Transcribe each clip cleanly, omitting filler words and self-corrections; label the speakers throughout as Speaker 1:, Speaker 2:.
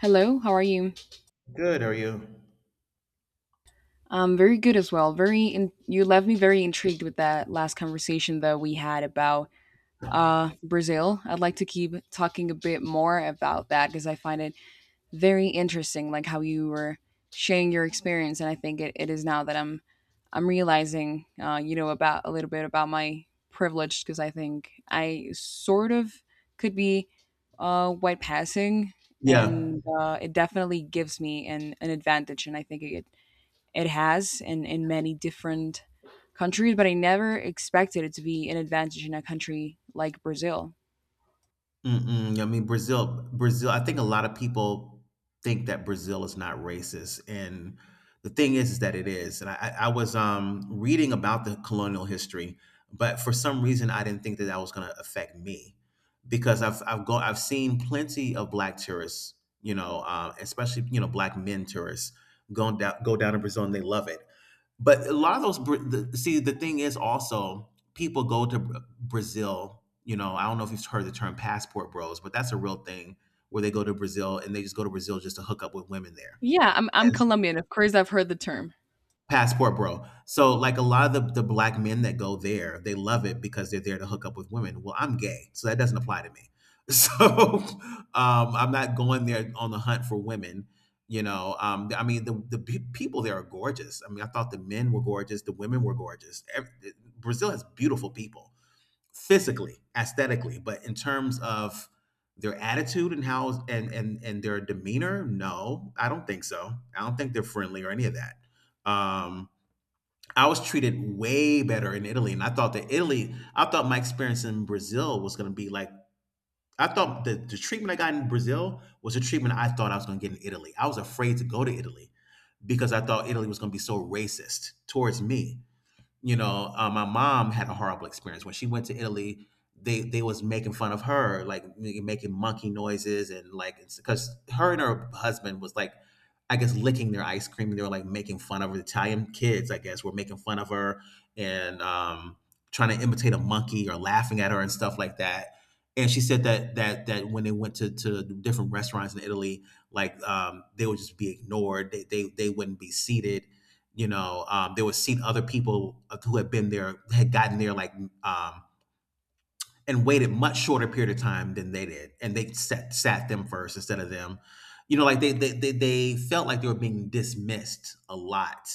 Speaker 1: Hello, how are you?
Speaker 2: Good, are you?
Speaker 1: Very good as well. You left me very intrigued with that last conversation that we had about Brazil. I'd like to keep talking a bit more about that because I find it very interesting, like how you were sharing your experience, and I think it is now that I'm realizing, about a little bit about my privilege because I think I sort of could be white passing,
Speaker 2: Yeah.
Speaker 1: and it definitely gives me an advantage, and I think it has in many different countries, but I never expected it to be an advantage in a country like Brazil.
Speaker 2: Mm-mm. I mean, Brazil, I think a lot of people think that Brazil is not racist. And the thing is that it is. And I was reading about the colonial history, but for some reason, I didn't think that that was going to affect me because I've seen plenty of black tourists, especially, black men tourists go down to Brazil and they love it. But a lot of those, the thing is also people go to Brazil. You know, I don't know if you've heard the term passport bros, but that's a real thing where they go to Brazil and they just go to Brazil just to hook up with women there.
Speaker 1: Yeah, I'm Colombian. Of course, I've heard the term.
Speaker 2: Passport Bro. So like a lot of the black men that go there, they love it because they're there to hook up with women. Well, I'm gay, so that doesn't apply to me. So I'm not going there on the hunt for women. You know, I mean, people there are gorgeous. I mean, I thought the men were gorgeous, the women were gorgeous. Brazil has beautiful people, physically, aesthetically, but in terms of their attitude and how and their demeanor, no, I don't think so. I don't think they're friendly or any of that. Um, I was treated way better in Italy, and I thought my experience in Brazil was going to be I thought the treatment I got in Brazil was the treatment I thought I was going to get in Italy. I was afraid to go to Italy because I thought Italy was going to be so racist towards me. You know, my mom had a horrible experience when she went to Italy. They was making fun of her, like making monkey noises and like because her and her husband was like, I guess licking their ice cream. They were like making fun of her. Italian kids, I guess, were making fun of her and trying to imitate a monkey or laughing at her and stuff like that. And she said that when they went to different restaurants in Italy, like they would just be ignored. They wouldn't be seated, you know. They were seeing other people who had been there, had gotten there like um, and waited much shorter period of time than they did, and they sat them first instead of them, you know. Like they felt like they were being dismissed a lot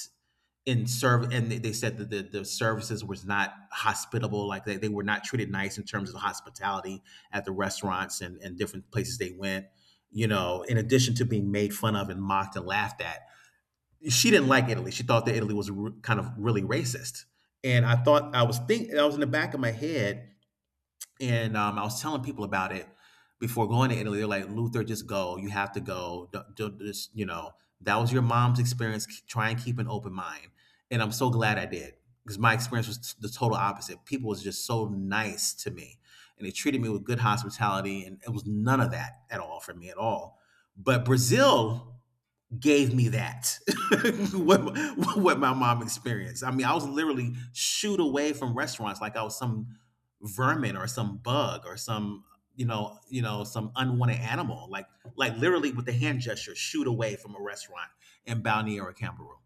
Speaker 2: in serve, and they said that the services was not hospitable. Like they were not treated nice in terms of the hospitality at the restaurants and different places they went, you know, in addition to being made fun of and mocked and laughed at. She didn't like Italy. She thought that Italy was r kind of really racist. And I was thinking I was in the back of my head, and I was telling people about it before going to Italy. They're like, "Luther, just go. You have to go. Don't just, you know, that was your mom's experience. Try and keep an open mind." And I'm so glad I did because my experience was the total opposite. People was just so nice to me, and they treated me with good hospitality, and it was none of that at all for me at all. But Brazil gave me that what, what my mom experienced. I mean, I was literally shooed away from restaurants like I was some vermin or some bug or some, you know, some unwanted animal, like literally with the hand gesture shoot away from a restaurant in Balneary Cameroon.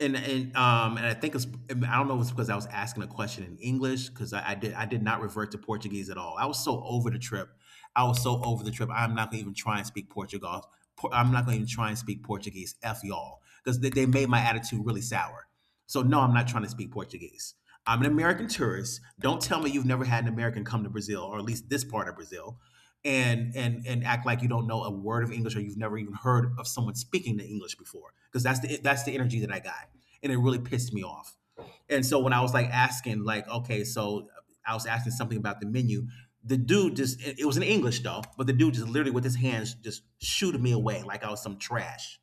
Speaker 2: And and I think it's, I don't know if it's because I was asking a question in English, because I did not revert to Portuguese at all. I was so over the trip. I was so over the trip. I'm not gonna even try and speak Portugal. I'm not gonna even try and speak Portuguese. F y'all, because they made my attitude really sour. So no, I'm not trying to speak Portuguese. I'm an American tourist. Don't tell me you've never had an American come to Brazil or at least this part of Brazil and act like you don't know a word of English or you've never even heard of someone speaking the English before, because that's the energy that I got, and it really pissed me off. And so when I was like asking, like, okay, so I was asking something about the menu, the dude just, it was in English though, but the dude just literally with his hands just shooted me away like I was some trash.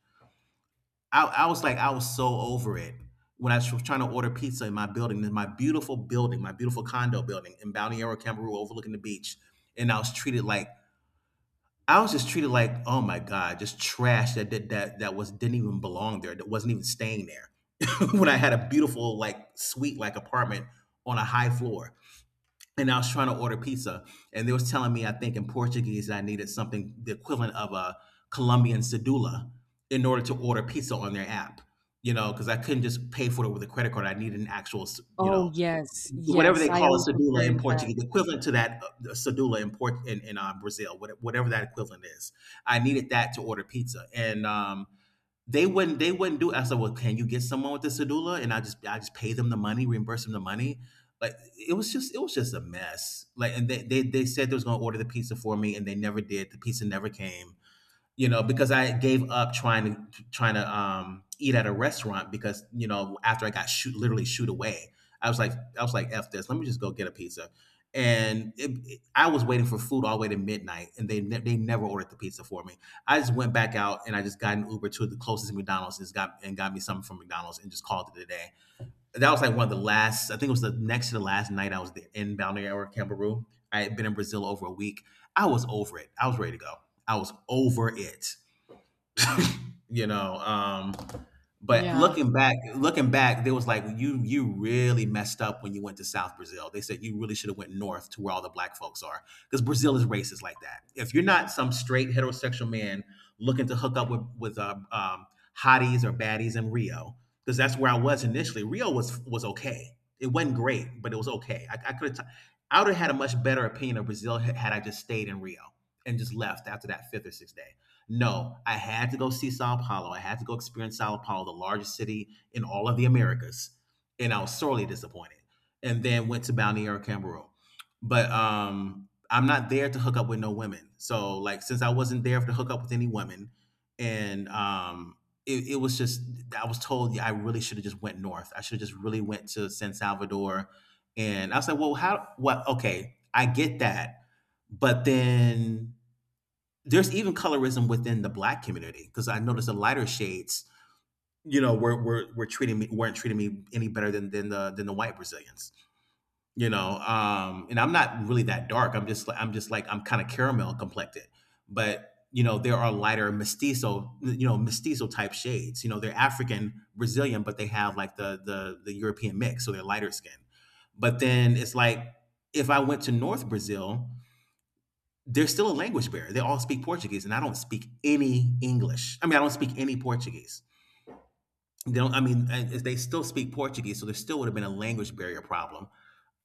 Speaker 2: I was like, I was so over it when I was trying to order pizza in my building, in my beautiful building, my beautiful condo building in Balneario Camarillo overlooking the beach, and I was treated like, I was just treated like, oh my god, just trash that did that that was, didn't even belong there, that wasn't even staying there. When I had a beautiful, like, suite, like apartment on a high floor, and I was trying to order pizza, and they was telling me, I think in Portuguese, that I needed something the equivalent of a Colombian cedula in order to order pizza on their app. You know, because I couldn't just pay for it with a credit card. I needed an actual, you
Speaker 1: Oh
Speaker 2: know,
Speaker 1: yes,
Speaker 2: whatever
Speaker 1: yes,
Speaker 2: they
Speaker 1: I
Speaker 2: call a
Speaker 1: also
Speaker 2: cedula in
Speaker 1: experienced that.
Speaker 2: Portuguese, equivalent to that cedula in Brazil, whatever that equivalent is. I needed that to order pizza, and they wouldn't do it. I said, "Well, can you get someone with the cedula? And I just, I just pay them the money, reimburse them the money." Like, it was just, it was just a mess. Like, and they said they was gonna order the pizza for me, and they never did. The pizza never came, you know, because I gave up trying to trying to eat at a restaurant, because, you know, after I got shoot, literally shoot away, I was like, I was like, f this. Let me just go get a pizza. And I was waiting for food all the way to midnight, and they never ordered the pizza for me. I just went back out and I just got an Uber to the closest McDonald's and just got, and got me something from McDonald's and just called it a day. That was like one of the last. I think it was the next to the last night I was there in Balneário Camboriú. I had been in Brazil over a week. I was over it. I was ready to go. I was over it, you know. But
Speaker 1: Yeah.
Speaker 2: looking back, there was like, you really messed up when you went to South Brazil. They said you really should have went north to where all the black folks are because Brazil is racist like that. If you're not some straight heterosexual man looking to hook up with hotties or baddies in Rio, because that's where I was initially. Rio was okay. It wasn't great, but it was okay. I could have. I would have had a much better opinion of Brazil had had I just stayed in Rio and just left after that fifth or sixth day. No, I had to go see Sao Paulo. I had to go experience Sao Paulo, the largest city in all of the Americas, and I was sorely disappointed. And then went to Balneario Camboriú, but I'm not there to hook up with no women. So like, since I wasn't there to hook up with any women, and it was just, I was told, yeah, I really should have just went north. I should have just really went to San Salvador, and I was like, well, how? What? Okay, I get that, but then there's even colorism within the black community because I noticed the lighter shades, you know, were treating me, weren't treating me any better than than the white Brazilians, you know. And I'm not really that dark. I'm just, like, I'm kind of caramel complected, but you know, there are lighter mestizo, you know, mestizo type shades, you know, they're African Brazilian, but they have like the European mix, so they're lighter skin. But then it's like, if I went to North Brazil, there's still a language barrier. They all speak Portuguese, and I don't speak any English. I mean, I don't speak any Portuguese. They don't. I mean, and they still speak Portuguese, so there still would have been a language barrier problem.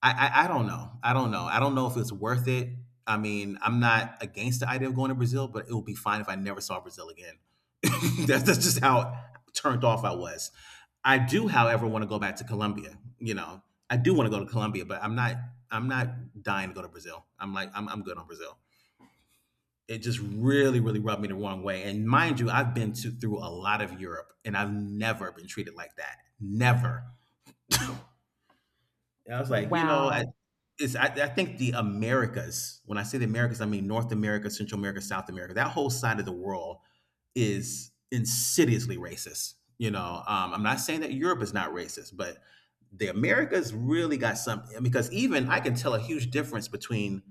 Speaker 2: I don't know. I don't know. I don't know if it's worth it. I mean, I'm not against the idea of going to Brazil, but it would be fine if I never saw Brazil again. That's just how turned off I was. I do, however, want to go back to Colombia. You know, I do want to go to Colombia, but I'm not. I'm not dying to go to Brazil. I'm like, I'm good on Brazil. It just really, really rubbed me the wrong way. And mind you, I've been to, through a lot of Europe, and I've never been treated like that. Never. And I was like, you know, I,
Speaker 1: Wow.
Speaker 2: it's I, I think the Americas. When I say the Americas, I mean North America, Central America, South America. That whole side of the world is insidiously racist. You know, I'm not saying that Europe is not racist, but the Americas really got something because even I can tell a huge difference between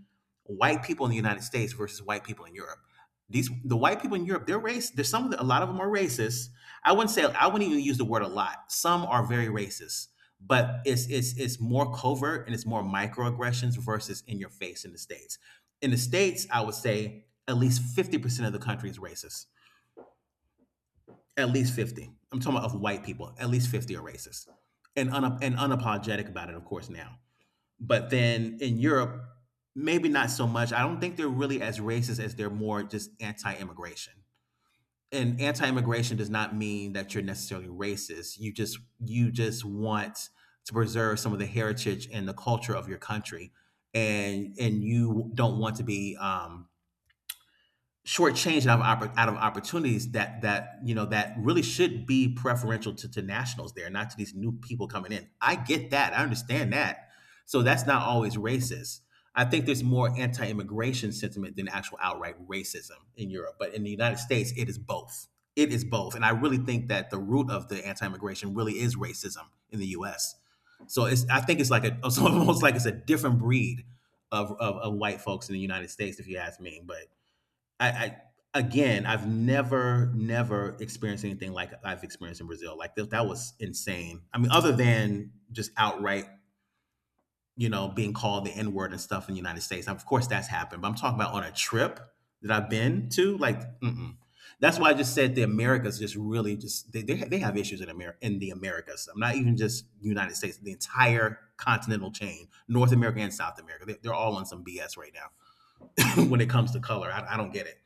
Speaker 2: white people in the United States versus white people in Europe. The white people in Europe, they're race. There's some of the, a lot of them are racist. I wouldn't say, I wouldn't even use the word a lot. Some are very racist, but it's more covert, and it's more microaggressions versus in your face in the states. In the states, I would say at least 50% of the country is racist. At least 50. I'm talking about of white people. At least 50 are racist and and unapologetic about it, of course. Now, but then in Europe, maybe not so much. I don't think they're really as racist as they're more just anti-immigration, and anti-immigration does not mean that you're necessarily racist. You just want to preserve some of the heritage and the culture of your country, and you don't want to be shortchanged out of, out of opportunities that that you know that really should be preferential to nationals there, not to these new people coming in. I get that. I understand that. So that's not always racist. I think there's more anti-immigration sentiment than actual outright racism in Europe, but in the United States, it is both. It is both, and I really think that the root of the anti-immigration really is racism in the U.S. So it's I think it's like a it's almost like it's a different breed of, of white folks in the United States, if you ask me. But I again, I've never, never experienced anything like I've experienced in Brazil. Like, that, that was insane. I mean, other than just outright, you know, being called the N word and stuff in the United States. Of course, that's happened, but I'm talking about on a trip that I've been to. Like, mm-mm. That's why I just said the Americas just really just they have issues in America, in the Americas. I'm not even just United States, the entire continental chain, North America and South America. They're all on some BS right now when it comes to color. I don't get it.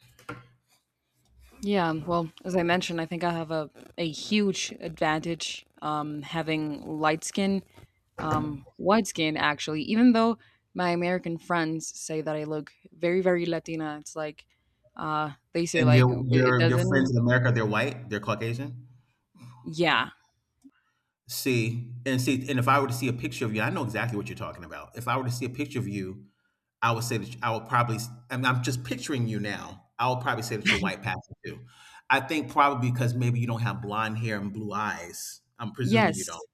Speaker 1: Yeah, well, as I mentioned, I think I have a huge advantage, having light skin. White skin, actually, even though my American friends say that I look very, very Latina. It's like they say
Speaker 2: And
Speaker 1: like
Speaker 2: your
Speaker 1: it
Speaker 2: your your friends
Speaker 1: doesn't.
Speaker 2: in America, they're white, they're Caucasian.
Speaker 1: Yeah.
Speaker 2: See, and see, and if I were to see a picture of you, I know exactly what you're talking about. If I were to see a picture of you, I would say that I would probably. I mean, I'm just picturing you now. I would probably say that you're white passing too. I think probably because maybe you don't have blonde hair and blue eyes. I'm presuming you
Speaker 1: Yes.
Speaker 2: don't.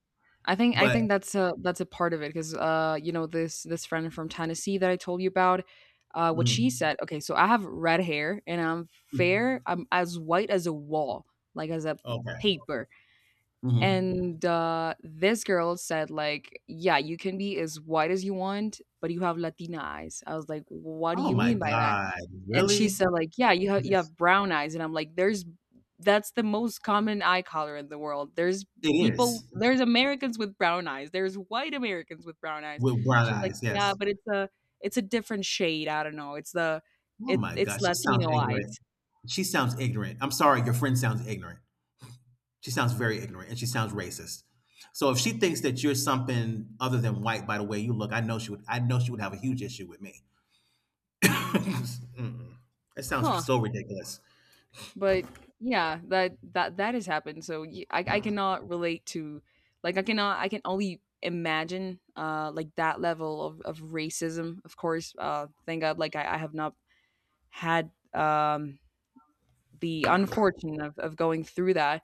Speaker 1: I think I
Speaker 2: But
Speaker 1: think that's a part of it because you know this friend from Tennessee that I told you about. What she
Speaker 2: mm,
Speaker 1: said. Okay, so I have red hair and I'm
Speaker 2: mm,
Speaker 1: fair. I'm as white as a wall, like as a
Speaker 2: okay.
Speaker 1: paper.
Speaker 2: Hmm.
Speaker 1: And this girl said, like, yeah, you can be as white as you want, but you have Latina eyes. I was like, what do
Speaker 2: Oh
Speaker 1: you
Speaker 2: my
Speaker 1: mean by that?
Speaker 2: God!
Speaker 1: And she
Speaker 2: Really?
Speaker 1: said, like, yeah, you
Speaker 2: Yes,
Speaker 1: have brown eyes. And I'm like, there's that's the most common eye color in the world. There's
Speaker 2: it
Speaker 1: people,
Speaker 2: is
Speaker 1: there's Americans with brown eyes. There's white Americans with brown eyes.
Speaker 2: with brown
Speaker 1: She's like,
Speaker 2: eyes.
Speaker 1: yeah,
Speaker 2: Yes.
Speaker 1: but it's a different shade. I don't know.
Speaker 2: Oh
Speaker 1: It
Speaker 2: my
Speaker 1: it's
Speaker 2: God! She sounds
Speaker 1: Latino eyes.
Speaker 2: ignorant. She sounds ignorant. I'm sorry, your friend sounds ignorant. She sounds very ignorant, and she sounds racist. So if she thinks that you're something other than white by the way you look, I know she would, I know she would have a huge issue with me. Mm-mm. That sounds
Speaker 1: Huh.
Speaker 2: so ridiculous.
Speaker 1: But yeah, that has happened. So I cannot relate to, like, I cannot, I can only imagine like that level of racism. Of course, thank God like I have not had the unfortunate of going through that.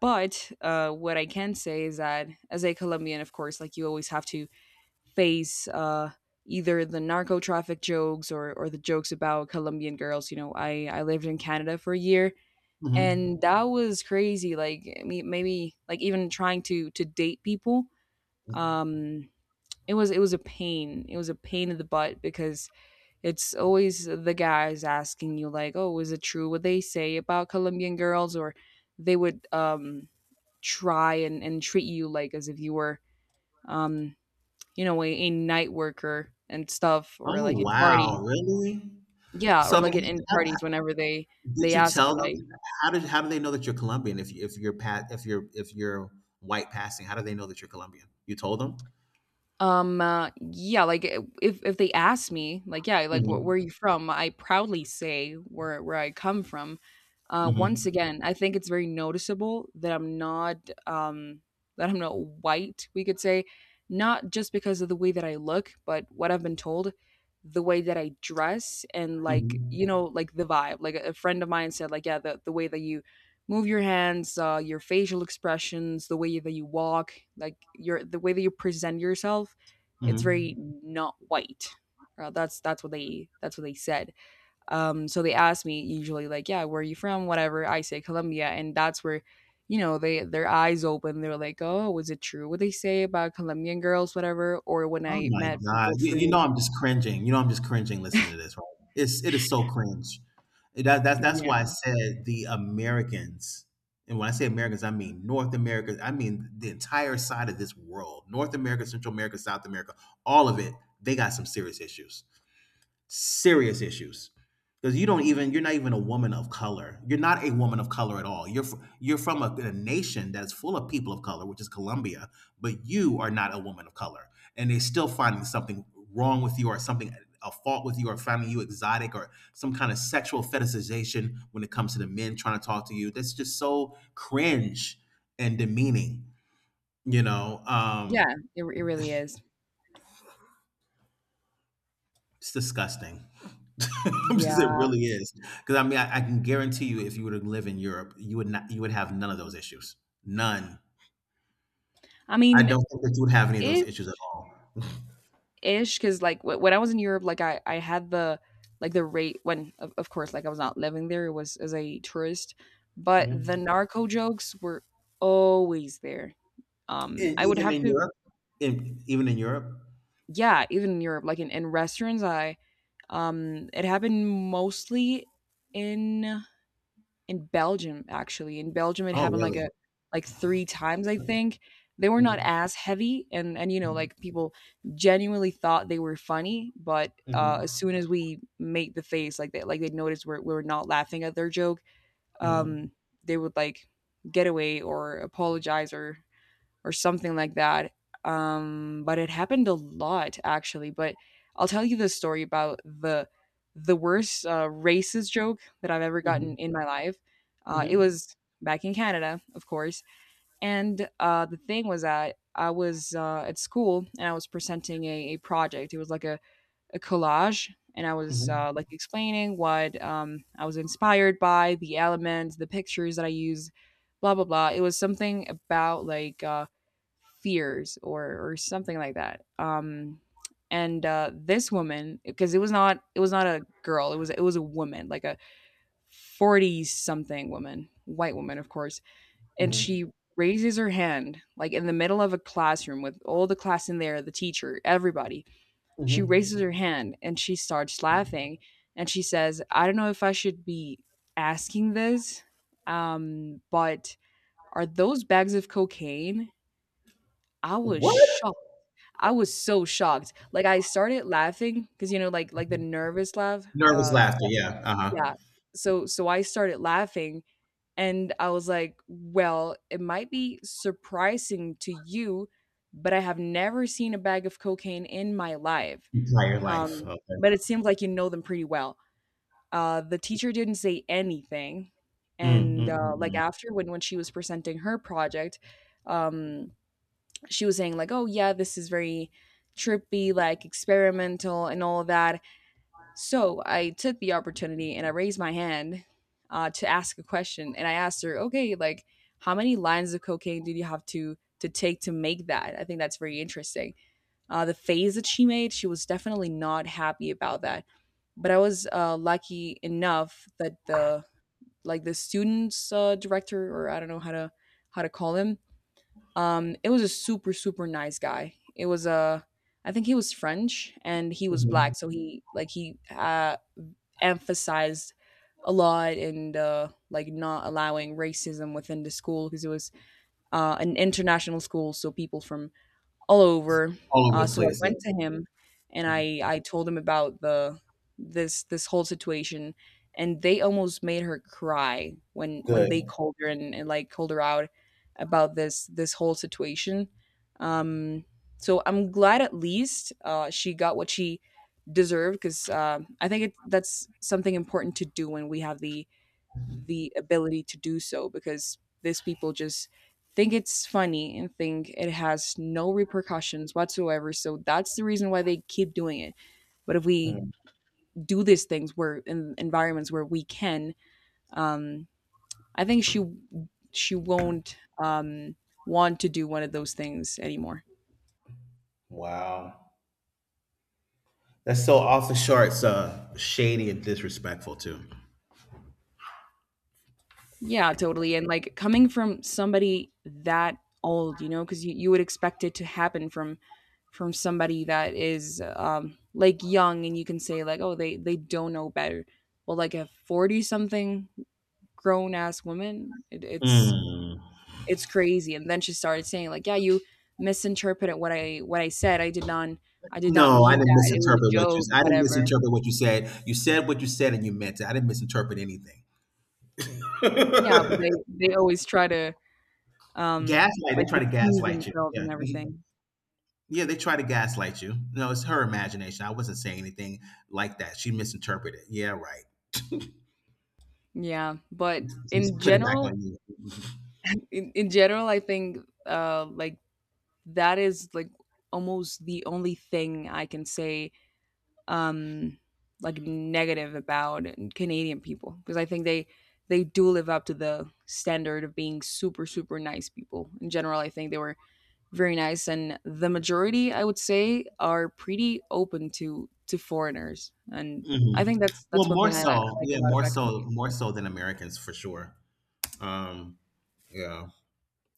Speaker 1: But what I can say is that as a Colombian, of course, like you always have to face either the narco traffic jokes or the jokes about Colombian girls. You know, I lived in Canada for a year
Speaker 2: Hmm.
Speaker 1: and that was crazy. Like, I mean, maybe like even trying to date people, um it was, it was a pain, it was a pain in the butt because it's always the guys asking you like, oh, is it true what they say about Colombian girls? Or they would try and treat you like as if you were, um you know, a night worker and stuff, or
Speaker 2: Oh
Speaker 1: like in parties.
Speaker 2: wow, really?
Speaker 1: Yeah,
Speaker 2: So
Speaker 1: or
Speaker 2: I mean,
Speaker 1: like in
Speaker 2: how,
Speaker 1: parties
Speaker 2: how-
Speaker 1: whenever
Speaker 2: did
Speaker 1: they
Speaker 2: you
Speaker 1: ask you
Speaker 2: tell them,
Speaker 1: like,
Speaker 2: how did, how do they know that you're Colombian if you, if you're if you're white passing? How do they know that you're Colombian? You told them.
Speaker 1: Yeah, like, I if they ask me, like, "Yeah, like, wh
Speaker 2: Hmm
Speaker 1: where are you from?" I proudly say where I come from. Once
Speaker 2: hmm
Speaker 1: again, I think it's very noticeable um that I'm not white, we could say, not just because of the way that I look, but what I've been told, the way that I dress and, like, you know, like, the vibe. Like, a friend of mine said, like, "Yeah, the way that you move your hands, your facial expressions, the way that you walk, like your the way that you present yourself,
Speaker 2: hmm
Speaker 1: it's
Speaker 2: hmm.
Speaker 1: very not white." That's what they that's what they said. So they asked me usually like, yeah, where are you from? Whatever. I say Colombia, and that's where, you know, they their eyes open. They're like, oh, was it true what they say about Colombian girls, whatever? Or when
Speaker 2: Oh
Speaker 1: I
Speaker 2: my
Speaker 1: met
Speaker 2: God.
Speaker 1: people
Speaker 2: You
Speaker 1: through,
Speaker 2: know I'm just cringing. You know I'm just cringing listening to this, right? It's, it is so cringe. That's that's
Speaker 1: yeah,
Speaker 2: why I said the Americans, and when I say Americans, I mean North America, I mean the entire side of this world. North America, Central America, South America, all of it, they got some serious issues, serious issues, because you don't even, you're not even a woman of color. You're not a woman of color at all. You're you're from a nation that's full of people of color, which is Colombia, but you are not a woman of color, and they're still finding something wrong with you, or something a fault with you, or finding you exotic or some kind of sexual fetishization when it comes to the men trying to talk to you. That's just so cringe and demeaning. You know,
Speaker 1: yeah, it really is.
Speaker 2: it's disgusting. Because it
Speaker 1: Yeah,
Speaker 2: really is. Because I mean, I can guarantee you, if you were to live in Europe, you would not, you would have none of those issues. None.
Speaker 1: I
Speaker 2: I
Speaker 1: mean,
Speaker 2: don't think that you would have any of those
Speaker 1: if.
Speaker 2: issues at all.
Speaker 1: Ish, because like when I was in Europe, like I had the like the rate when, of course, like I was not living there, it was as a tourist, but the
Speaker 2: Mhm.
Speaker 1: narco jokes were always there. Um,
Speaker 2: And
Speaker 1: I would
Speaker 2: even
Speaker 1: have
Speaker 2: in
Speaker 1: to,
Speaker 2: Europe, in, even in Europe.
Speaker 1: yeah, even in Europe, like in restaurants, I it happened mostly in in Belgium, actually. In Belgium, it
Speaker 2: Oh,
Speaker 1: happened like a
Speaker 2: really?
Speaker 1: like 3 times, I think. They were not
Speaker 2: Mhm,
Speaker 1: as heavy and, you know, like, people genuinely thought they were funny, but, as
Speaker 2: mhm,
Speaker 1: soon as we made the face, like, they noticed we we're not laughing at their joke,
Speaker 2: mhm,
Speaker 1: um, they would, like, get away or apologize or something like that. But it happened a lot actually. But I'll tell you the story about the worst racist joke that I've ever gotten
Speaker 2: mhm,
Speaker 1: in my life. It was back in Canada, of course, and the thing was that I was at school and I was presenting a project. It was like a collage and I
Speaker 2: mhm,
Speaker 1: was,
Speaker 2: mhm,
Speaker 1: like, explaining what, I was inspired by, the elements, the pictures that I use, blah blah blah. It was something about like fears or something like that. And this woman, because it was not, it was not a girl, it was a woman, like a 40 something woman, white woman, of course, and
Speaker 2: mhm,
Speaker 1: she raises her hand like in the middle of a classroom with all the class in there, the teacher, everybody. She
Speaker 2: mhm.
Speaker 1: raises her hand and she starts laughing and she says, "I don't know if I should be asking this, but are those bags of cocaine?" I was
Speaker 2: What?
Speaker 1: shocked. I was so shocked. Like I started laughing because, you know, like the nervous laugh.
Speaker 2: Nervous laughter. Yeah. Uh huh.
Speaker 1: Yeah. So so I started laughing and I was like, well, it might be surprising to you, but I have never seen a bag of cocaine in my life.
Speaker 2: Entire life.
Speaker 1: Um,
Speaker 2: Okay.
Speaker 1: but it seems like you know them pretty well. The teacher didn't say anything,
Speaker 2: Mm, mm,
Speaker 1: and
Speaker 2: mm,
Speaker 1: like
Speaker 2: mm.
Speaker 1: after when she was presenting her project, um, she was saying like, "Oh yeah, this is very trippy, like experimental, and all of that." So I took the opportunity and I raised my hand, to ask a question, and I asked her, "Okay, like how many lines of cocaine did you have to take to make that? I think that's very interesting." The face that she made, she was definitely not happy about that, but I was, lucky enough that the like the students, director, or I don't know how to call him. It was a super super nice guy. It was a, I think he was French and he was
Speaker 2: Mhm.
Speaker 1: black, so he like he, emphasized a lot and, like, not allowing racism within the school because it was an international school, so people from all over.
Speaker 2: All over the
Speaker 1: So I
Speaker 2: place.
Speaker 1: went
Speaker 2: Yeah.
Speaker 1: to him and I told him about the this this whole situation and they almost made her cry when
Speaker 2: Good.
Speaker 1: they called her and like called her out about this whole situation. Um, so I'm glad at least she got what she deserved because, I think it, that's something important to do when we have the ability to do so, because these people just think it's funny and think it has no repercussions whatsoever. So that's the reason why they keep doing it. But if we
Speaker 2: Mm.
Speaker 1: do these things where in environments where we can, um, I think she won't, want to do one of those things anymore.
Speaker 2: Wow. That's so off the charts, shady and disrespectful too.
Speaker 1: Yeah, totally. And like coming from somebody that old, you know, because you would expect it to happen from somebody that is like young and you can say like, oh, they don't know better. Well, like a 40 something grown ass woman,
Speaker 2: Mm.
Speaker 1: it's crazy. And then she started saying like, yeah, you misinterpreted what I said. I did not
Speaker 2: No, I
Speaker 1: mean
Speaker 2: didn't
Speaker 1: that. It was a
Speaker 2: misinterpret what you.
Speaker 1: joke,
Speaker 2: I didn't
Speaker 1: whatever.
Speaker 2: misinterpret what you said. You said what you said, and you meant it. I didn't misinterpret anything.
Speaker 1: Yeah, but they always try to um
Speaker 2: Gaslight. They
Speaker 1: like
Speaker 2: try to
Speaker 1: excuse
Speaker 2: gaslight you.
Speaker 1: themselves
Speaker 2: Yeah,
Speaker 1: and everything.
Speaker 2: yeah. They try to gaslight you. No, it's her imagination. I wasn't saying anything like that. She misinterpreted. Yeah, right.
Speaker 1: Yeah, but
Speaker 2: Just
Speaker 1: in
Speaker 2: put it back
Speaker 1: general,
Speaker 2: on you.
Speaker 1: in general, I think like that is like almost the only thing I can say, um like, negative about Canadian people because I think they do live up to the standard of being super super nice people. In general, I think they were very nice and the majority I would say are pretty open to foreigners, and I
Speaker 2: Hmm.
Speaker 1: think
Speaker 2: Well,
Speaker 1: that's one
Speaker 2: more
Speaker 1: thing I, I
Speaker 2: so.
Speaker 1: like a
Speaker 2: Yeah,
Speaker 1: lot
Speaker 2: more
Speaker 1: about
Speaker 2: so.
Speaker 1: Canadians.
Speaker 2: More so than Americans for sure. Um, yeah.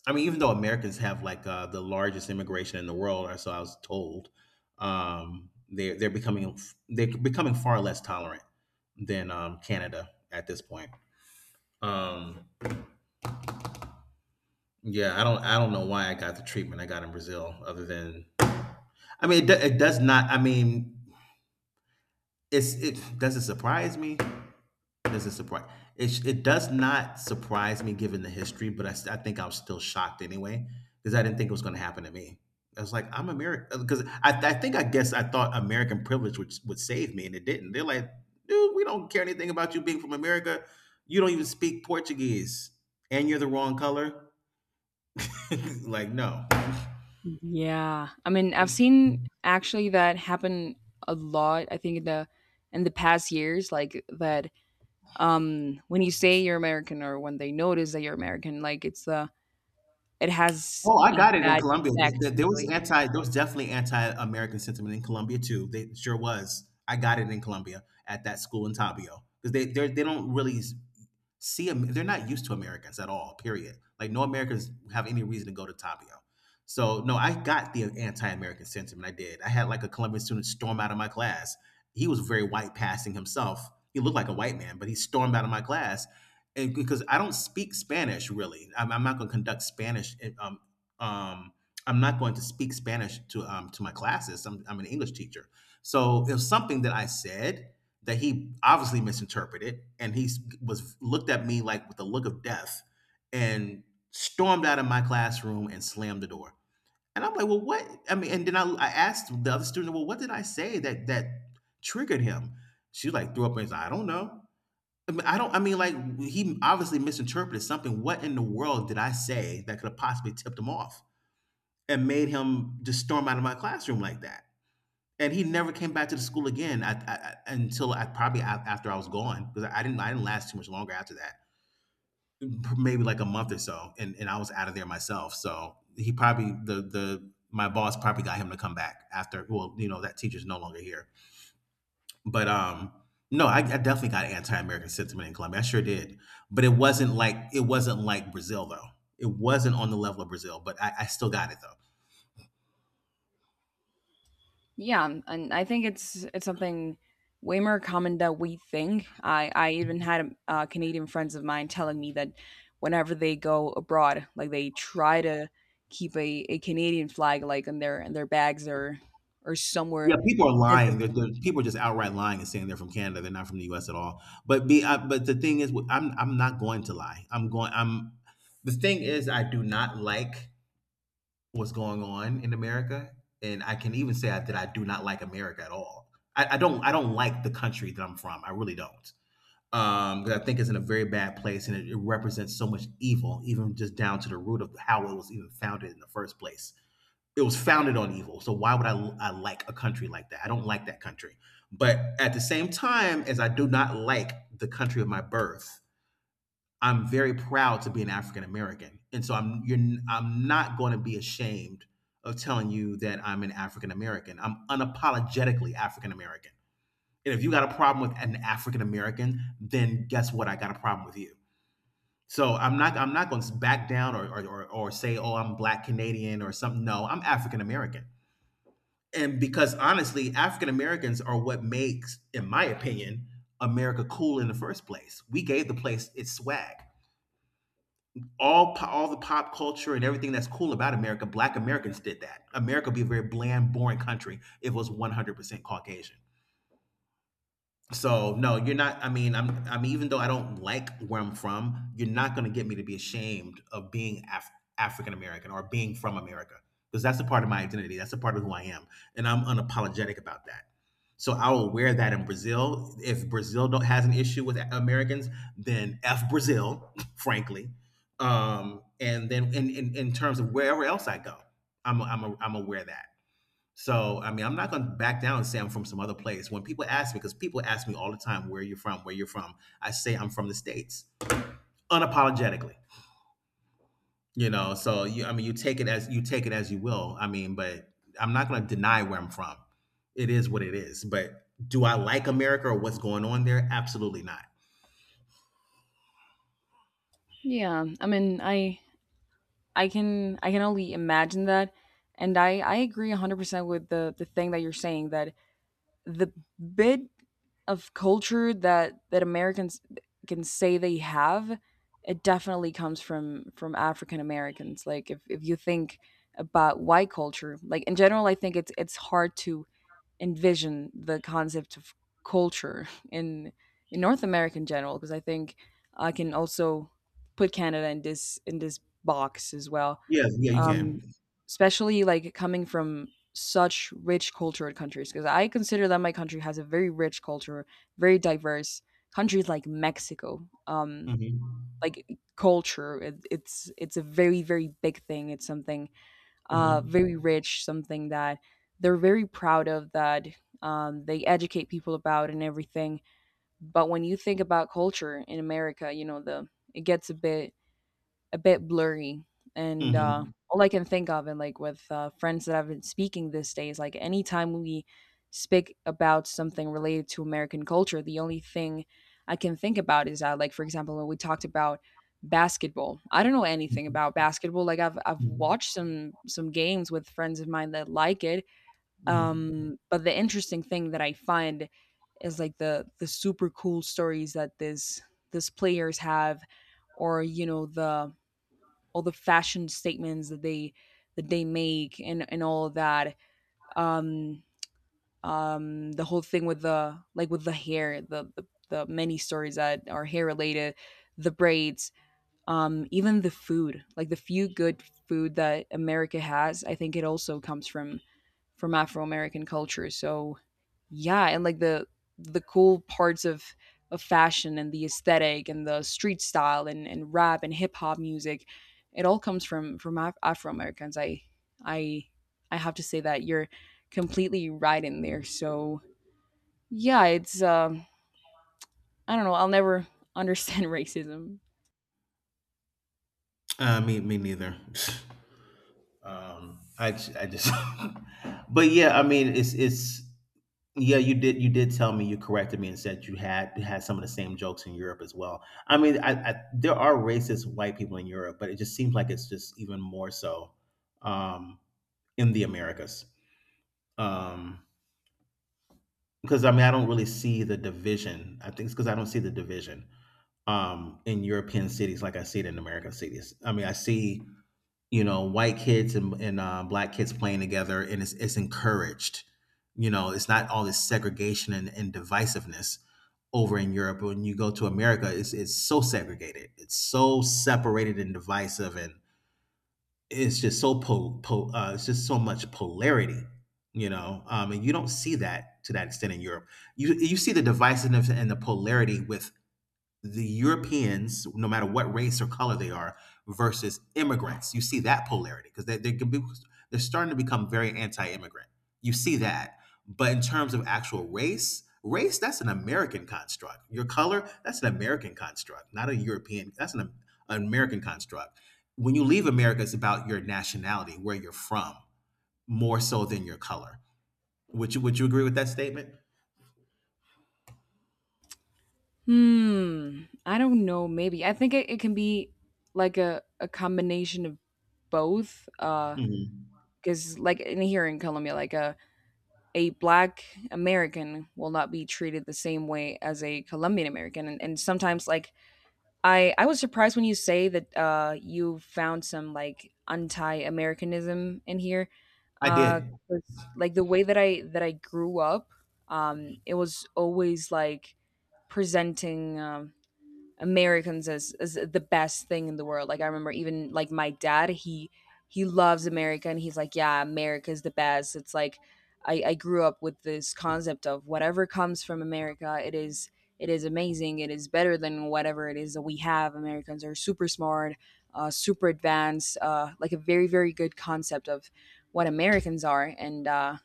Speaker 2: I mean, even though Americans have like the largest immigration in the world, or so I was told, they're becoming, they're becoming far less tolerant than Canada at this point. Um, yeah, I don't, I don't know why I got the treatment I got in Brazil, other than I mean, it, do, it does not. I mean, it's, it does it surprise me? Doesn't surprise, it does not surprise me given the history, but I I think I was still shocked anyway because I didn't think it was going to happen to me. I was like, I'm American, because I think I guess I thought American privilege would save me, and it didn't. They're like, dude, we don't care anything about you being from America, you don't even speak Portuguese, and you're the wrong color. Like, no.
Speaker 1: Yeah. I mean, I've seen actually that happen a lot, I think in the past years, like that when you say you're American or when they notice that you're American, like it's it has
Speaker 2: Oh, I
Speaker 1: a
Speaker 2: got it in
Speaker 1: bad
Speaker 2: Colombia.
Speaker 1: effect
Speaker 2: There was
Speaker 1: usually.
Speaker 2: anti, there was definitely anti-American sentiment in Colombia too. They sure was. I got it in Colombia at that school in Tabio because they they don't really see they're not used to Americans at all. Period. Like, no Americans have any reason to go to Tapio. So no, I got the anti-American sentiment. I did. I had like a Colombian student storm out of my class. He was very white passing himself. He looked like a white man, but he stormed out of my class, and because I don't speak Spanish really, I'm not going to conduct Spanish. Um, I'm not going to speak Spanish to my classes. I'm an English teacher, so it was something that I said that he obviously misinterpreted, and he was looked at me like with a look of death, and stormed out of my classroom and slammed the door. And I'm like, well, what? I mean, and then I asked the other student, well, what did I say that triggered him? She like threw up and said, I don't know. I mean, I don't. I mean, like he obviously misinterpreted something. What in the world did I say that could have possibly tipped him off and made him just storm out of my classroom like that? And he never came back to the school again probably after I was gone because I didn't last too much longer after that. Maybe like a month or so, and I was out of there myself. So he probably the my boss probably got him to come back after. Well, you know that teacher's no longer here, but No, I definitely got anti-American sentiment in Colombia. I sure did, but it wasn't like Brazil though. It wasn't on the level of Brazil, but I still got it though.
Speaker 1: Yeah, and I think it's something way more common than we think. I even had Canadian friends of mine telling me that whenever they go abroad, like they try to keep a Canadian flag like in their bags or somewhere
Speaker 2: Yeah, people are lying.
Speaker 1: visible.
Speaker 2: People are just outright lying and saying they're from Canada. They're not from the U.S. at all. But the thing is, I'm not going to lie. I'm going. I'm. The thing is, I do not like what's going on in America, and I can even say that I do not like America at all. I don't like the country that I'm from. I really don't. Because I think it's in a very bad place, and it represents so much evil, even just down to the root of how it was even founded in the first place. It was founded on evil. So why would I like a country like that? I don't like that country. But at the same time as I do not like the country of my birth, I'm very proud to be an African American. And so I'm not going to be ashamed of telling you that I'm an African American. I'm unapologetically African American. And if you got a problem with an African American, then guess what? I got a problem with you. So I'm not going to back down or say, oh, I'm black Canadian or something. No, I'm African American, and because honestly African Americans are what makes, in my opinion, America cool in the first place. We gave the place its swag. All the pop culture and everything that's cool about America, black Americans did that. America would be a very bland boring country if it was 100% caucasian. So no, you're not. I mean, even though I don't like where I'm from, you're not going to get me to be ashamed of being African American or being from America, because that's a part of my identity. That's a part of who I am, and I'm unapologetic about that. So I will wear that in Brazil. If Brazil don't has an issue with Americans, then f Brazil, frankly. And then in, in terms of wherever else I go, I'm aware of that. So, I mean, I'm not going to back down and say I'm from some other place. When people ask me, because people ask me all the time, where you're from, I say I'm from the States unapologetically, you know? So I mean, you take it as you will. I mean, but I'm not going to deny where I'm from. It is what it is. But do I like America or what's going on there? Absolutely not.
Speaker 1: Yeah, I mean, I can only imagine that, and I agree 100% with the thing that you're saying that the bit of culture that that Americans can say they have, it definitely comes from African Americans. Like if you think about white culture, like in general, I think it's hard to envision the concept of culture in North America in general because I think I can also put Canada in this box as well,
Speaker 2: Yes. Yeah, you
Speaker 1: um,
Speaker 2: can.
Speaker 1: especially, like, coming from such rich cultured countries, because I consider that my country has a very rich culture, very diverse. Countries like Mexico,
Speaker 2: Hmm.
Speaker 1: like, culture, it's a very, very big thing. It's something,
Speaker 2: Hmm.
Speaker 1: very rich, something that they're very proud of, that, they educate people about and everything. But when you think about culture in America, you know, the it gets a bit blurry. And
Speaker 2: Hmm.
Speaker 1: all I can think of, and like with friends that I've been speaking this day, is like anytime we speak about something related to American culture, the only thing I can think about is that, like for example, when we talked about basketball, I don't know anything about basketball. Like I've watched some games with friends of mine that like it,
Speaker 2: Mhm.
Speaker 1: but the interesting thing that I find is like the super cool stories that this players have, or you know the all the fashion statements that they make and all of that um the whole thing with the like with the hair the many stories that are hair related, the braids, even the food like the few good food that america has I think it also comes from Afro American culture. So yeah, and like the cool parts of fashion and the aesthetic and the street style and rap and hip hop music, it all comes from from Afro Americans. I I have to say that you're completely right in there. So yeah, it's I don't know. I'll never understand racism.
Speaker 2: Me neither. I just, but yeah, I mean, yeah, you did tell me, you corrected me and said you had some of the same jokes in Europe as well. I mean, there are racist white people in Europe, but it just seems like it's just even more so, um, in the Americas. Um, because I mean, I don't really see the division. I think it's because I don't see the division, in European cities like I see it in American cities. I mean, I see, you know, white kids and, black kids playing together, and it's encouraged. You know, it's not all this segregation and divisiveness over in Europe. When you go to America, it's so segregated, it's so separated and divisive, and it's just so it's just so much polarity, you know. And you don't see that to that extent in Europe. You see the divisiveness and the polarity with the Europeans, no matter what race or color they are, versus immigrants. You see that polarity because they're starting to become very anti-immigrant. You see that. But in terms of actual race, that's an American construct. Your color, that's an American construct, not a European. That's an American construct. When you leave America, it's about your nationality, where you're from, more so than your color. Would you agree with that statement?
Speaker 1: Hmm. I don't know. Maybe I think it can be like a combination of both.
Speaker 2: Mhm.
Speaker 1: Because like in here in Colombia, like a black American will not be treated the same way as a Colombian American, and sometimes like I was surprised when you say that you found some like anti-Americanism in here,
Speaker 2: I
Speaker 1: uh,
Speaker 2: did.
Speaker 1: 'cause, like the way that I grew up, it was always like presenting. Americans as the best thing in the world. Like I remember even like my dad, he loves America and he's like, yeah, America's the best. It's like I grew up with this concept of whatever comes from America, it is amazing. It is better than whatever it is that we have. Americans are super smart, super advanced, like a very very good concept of what Americans are, and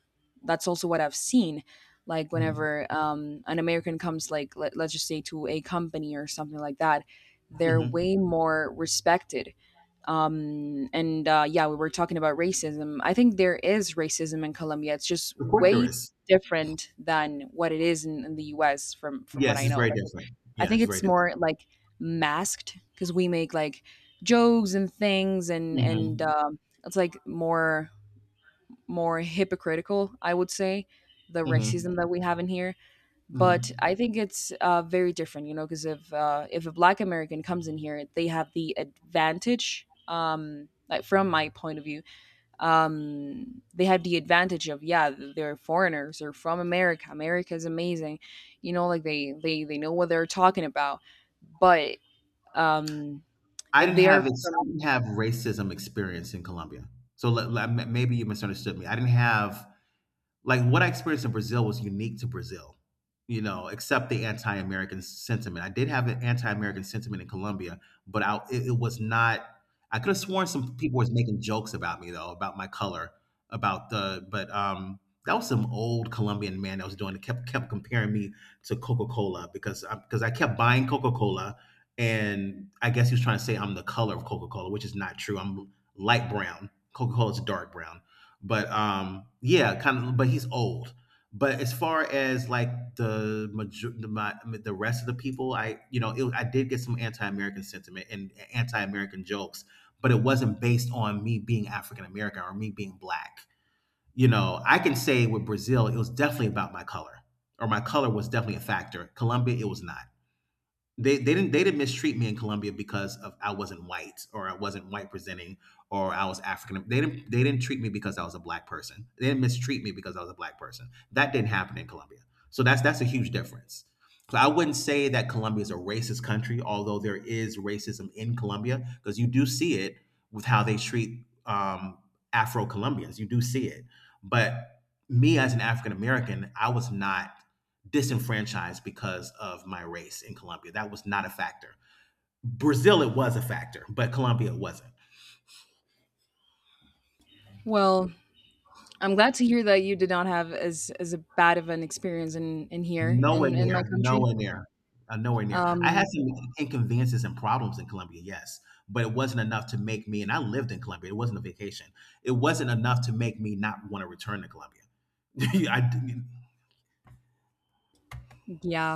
Speaker 1: that's also what I've seen like
Speaker 2: Mhm.
Speaker 1: whenever an american comes like let's just say to a company or something like that they're
Speaker 2: Mhm.
Speaker 1: way more respected, and yeah we were talking about racism I think there is racism in colombia it's just
Speaker 2: Of course there
Speaker 1: way
Speaker 2: is.
Speaker 1: different than what it is in the US from what
Speaker 2: Yes,
Speaker 1: I
Speaker 2: it's
Speaker 1: know
Speaker 2: very
Speaker 1: like
Speaker 2: different.
Speaker 1: I
Speaker 2: Yeah,
Speaker 1: think
Speaker 2: it's
Speaker 1: it's
Speaker 2: very different.
Speaker 1: more like masked because we make like jokes and things and
Speaker 2: Hmm.
Speaker 1: it's like more more hypocritical I would say the
Speaker 2: Hmm.
Speaker 1: racism that we have in here, but
Speaker 2: Hmm.
Speaker 1: I think it's very different, you know, because if a Black American comes in here, they have the advantage. Like from my point of view, they have the advantage of yeah, they're foreigners, they're from America. America is amazing, you know, like they know what they're talking about. But um, if they are
Speaker 2: I
Speaker 1: from,
Speaker 2: didn't have racism experience in Colombia, so maybe you misunderstood me. I didn't have like what I experienced in Brazil was unique to Brazil, you know, except the anti-American sentiment. I did have an anti-American sentiment in Colombia, but I it, it was not. I could have sworn some people was making jokes about me though, about my color, about the. But that was some old Colombian man that was doing it. Kept comparing me to Coca Cola because because I kept buying Coca Cola, and I guess he was trying to say I'm the color of Coca Cola, which is not true. I'm light brown. Coca Cola is dark brown. But yeah, kind of. But he's old. But as far as like the rest of the people, I you know, I did get some anti-American sentiment and anti-American jokes, but it wasn't based on me being African American or me being black. You know, I can say with Brazil, it was definitely about my color, or my color was definitely a factor. Colombia, it was not. They didn't mistreat me in Colombia because of I wasn't white or I wasn't white presenting or I was African. They didn't treat me because I was a black person. They didn't mistreat me because I was a black person. That didn't happen in Colombia. So that's a huge difference. So I wouldn't say that Colombia is a racist country, although there is racism in Colombia because you do see it with how they treat Afro Colombians. You do see it, but me as an African American, I was not disenfranchised because of my race in Colombia. That was not a factor. Brazil, it was a factor, but Colombia, it wasn't.
Speaker 1: well. I'm glad to hear that you did not have as a bad of an experience in here
Speaker 2: Nowhere
Speaker 1: in my
Speaker 2: near,
Speaker 1: country.
Speaker 2: nowhere near, Nowhere near. I had
Speaker 1: Um,
Speaker 2: some inconveniences and problems in Colombia, yes, but it wasn't enough to make me, and I lived in Colombia, it wasn't a vacation. It wasn't enough to make me not want to return to Colombia. I,
Speaker 1: yeah,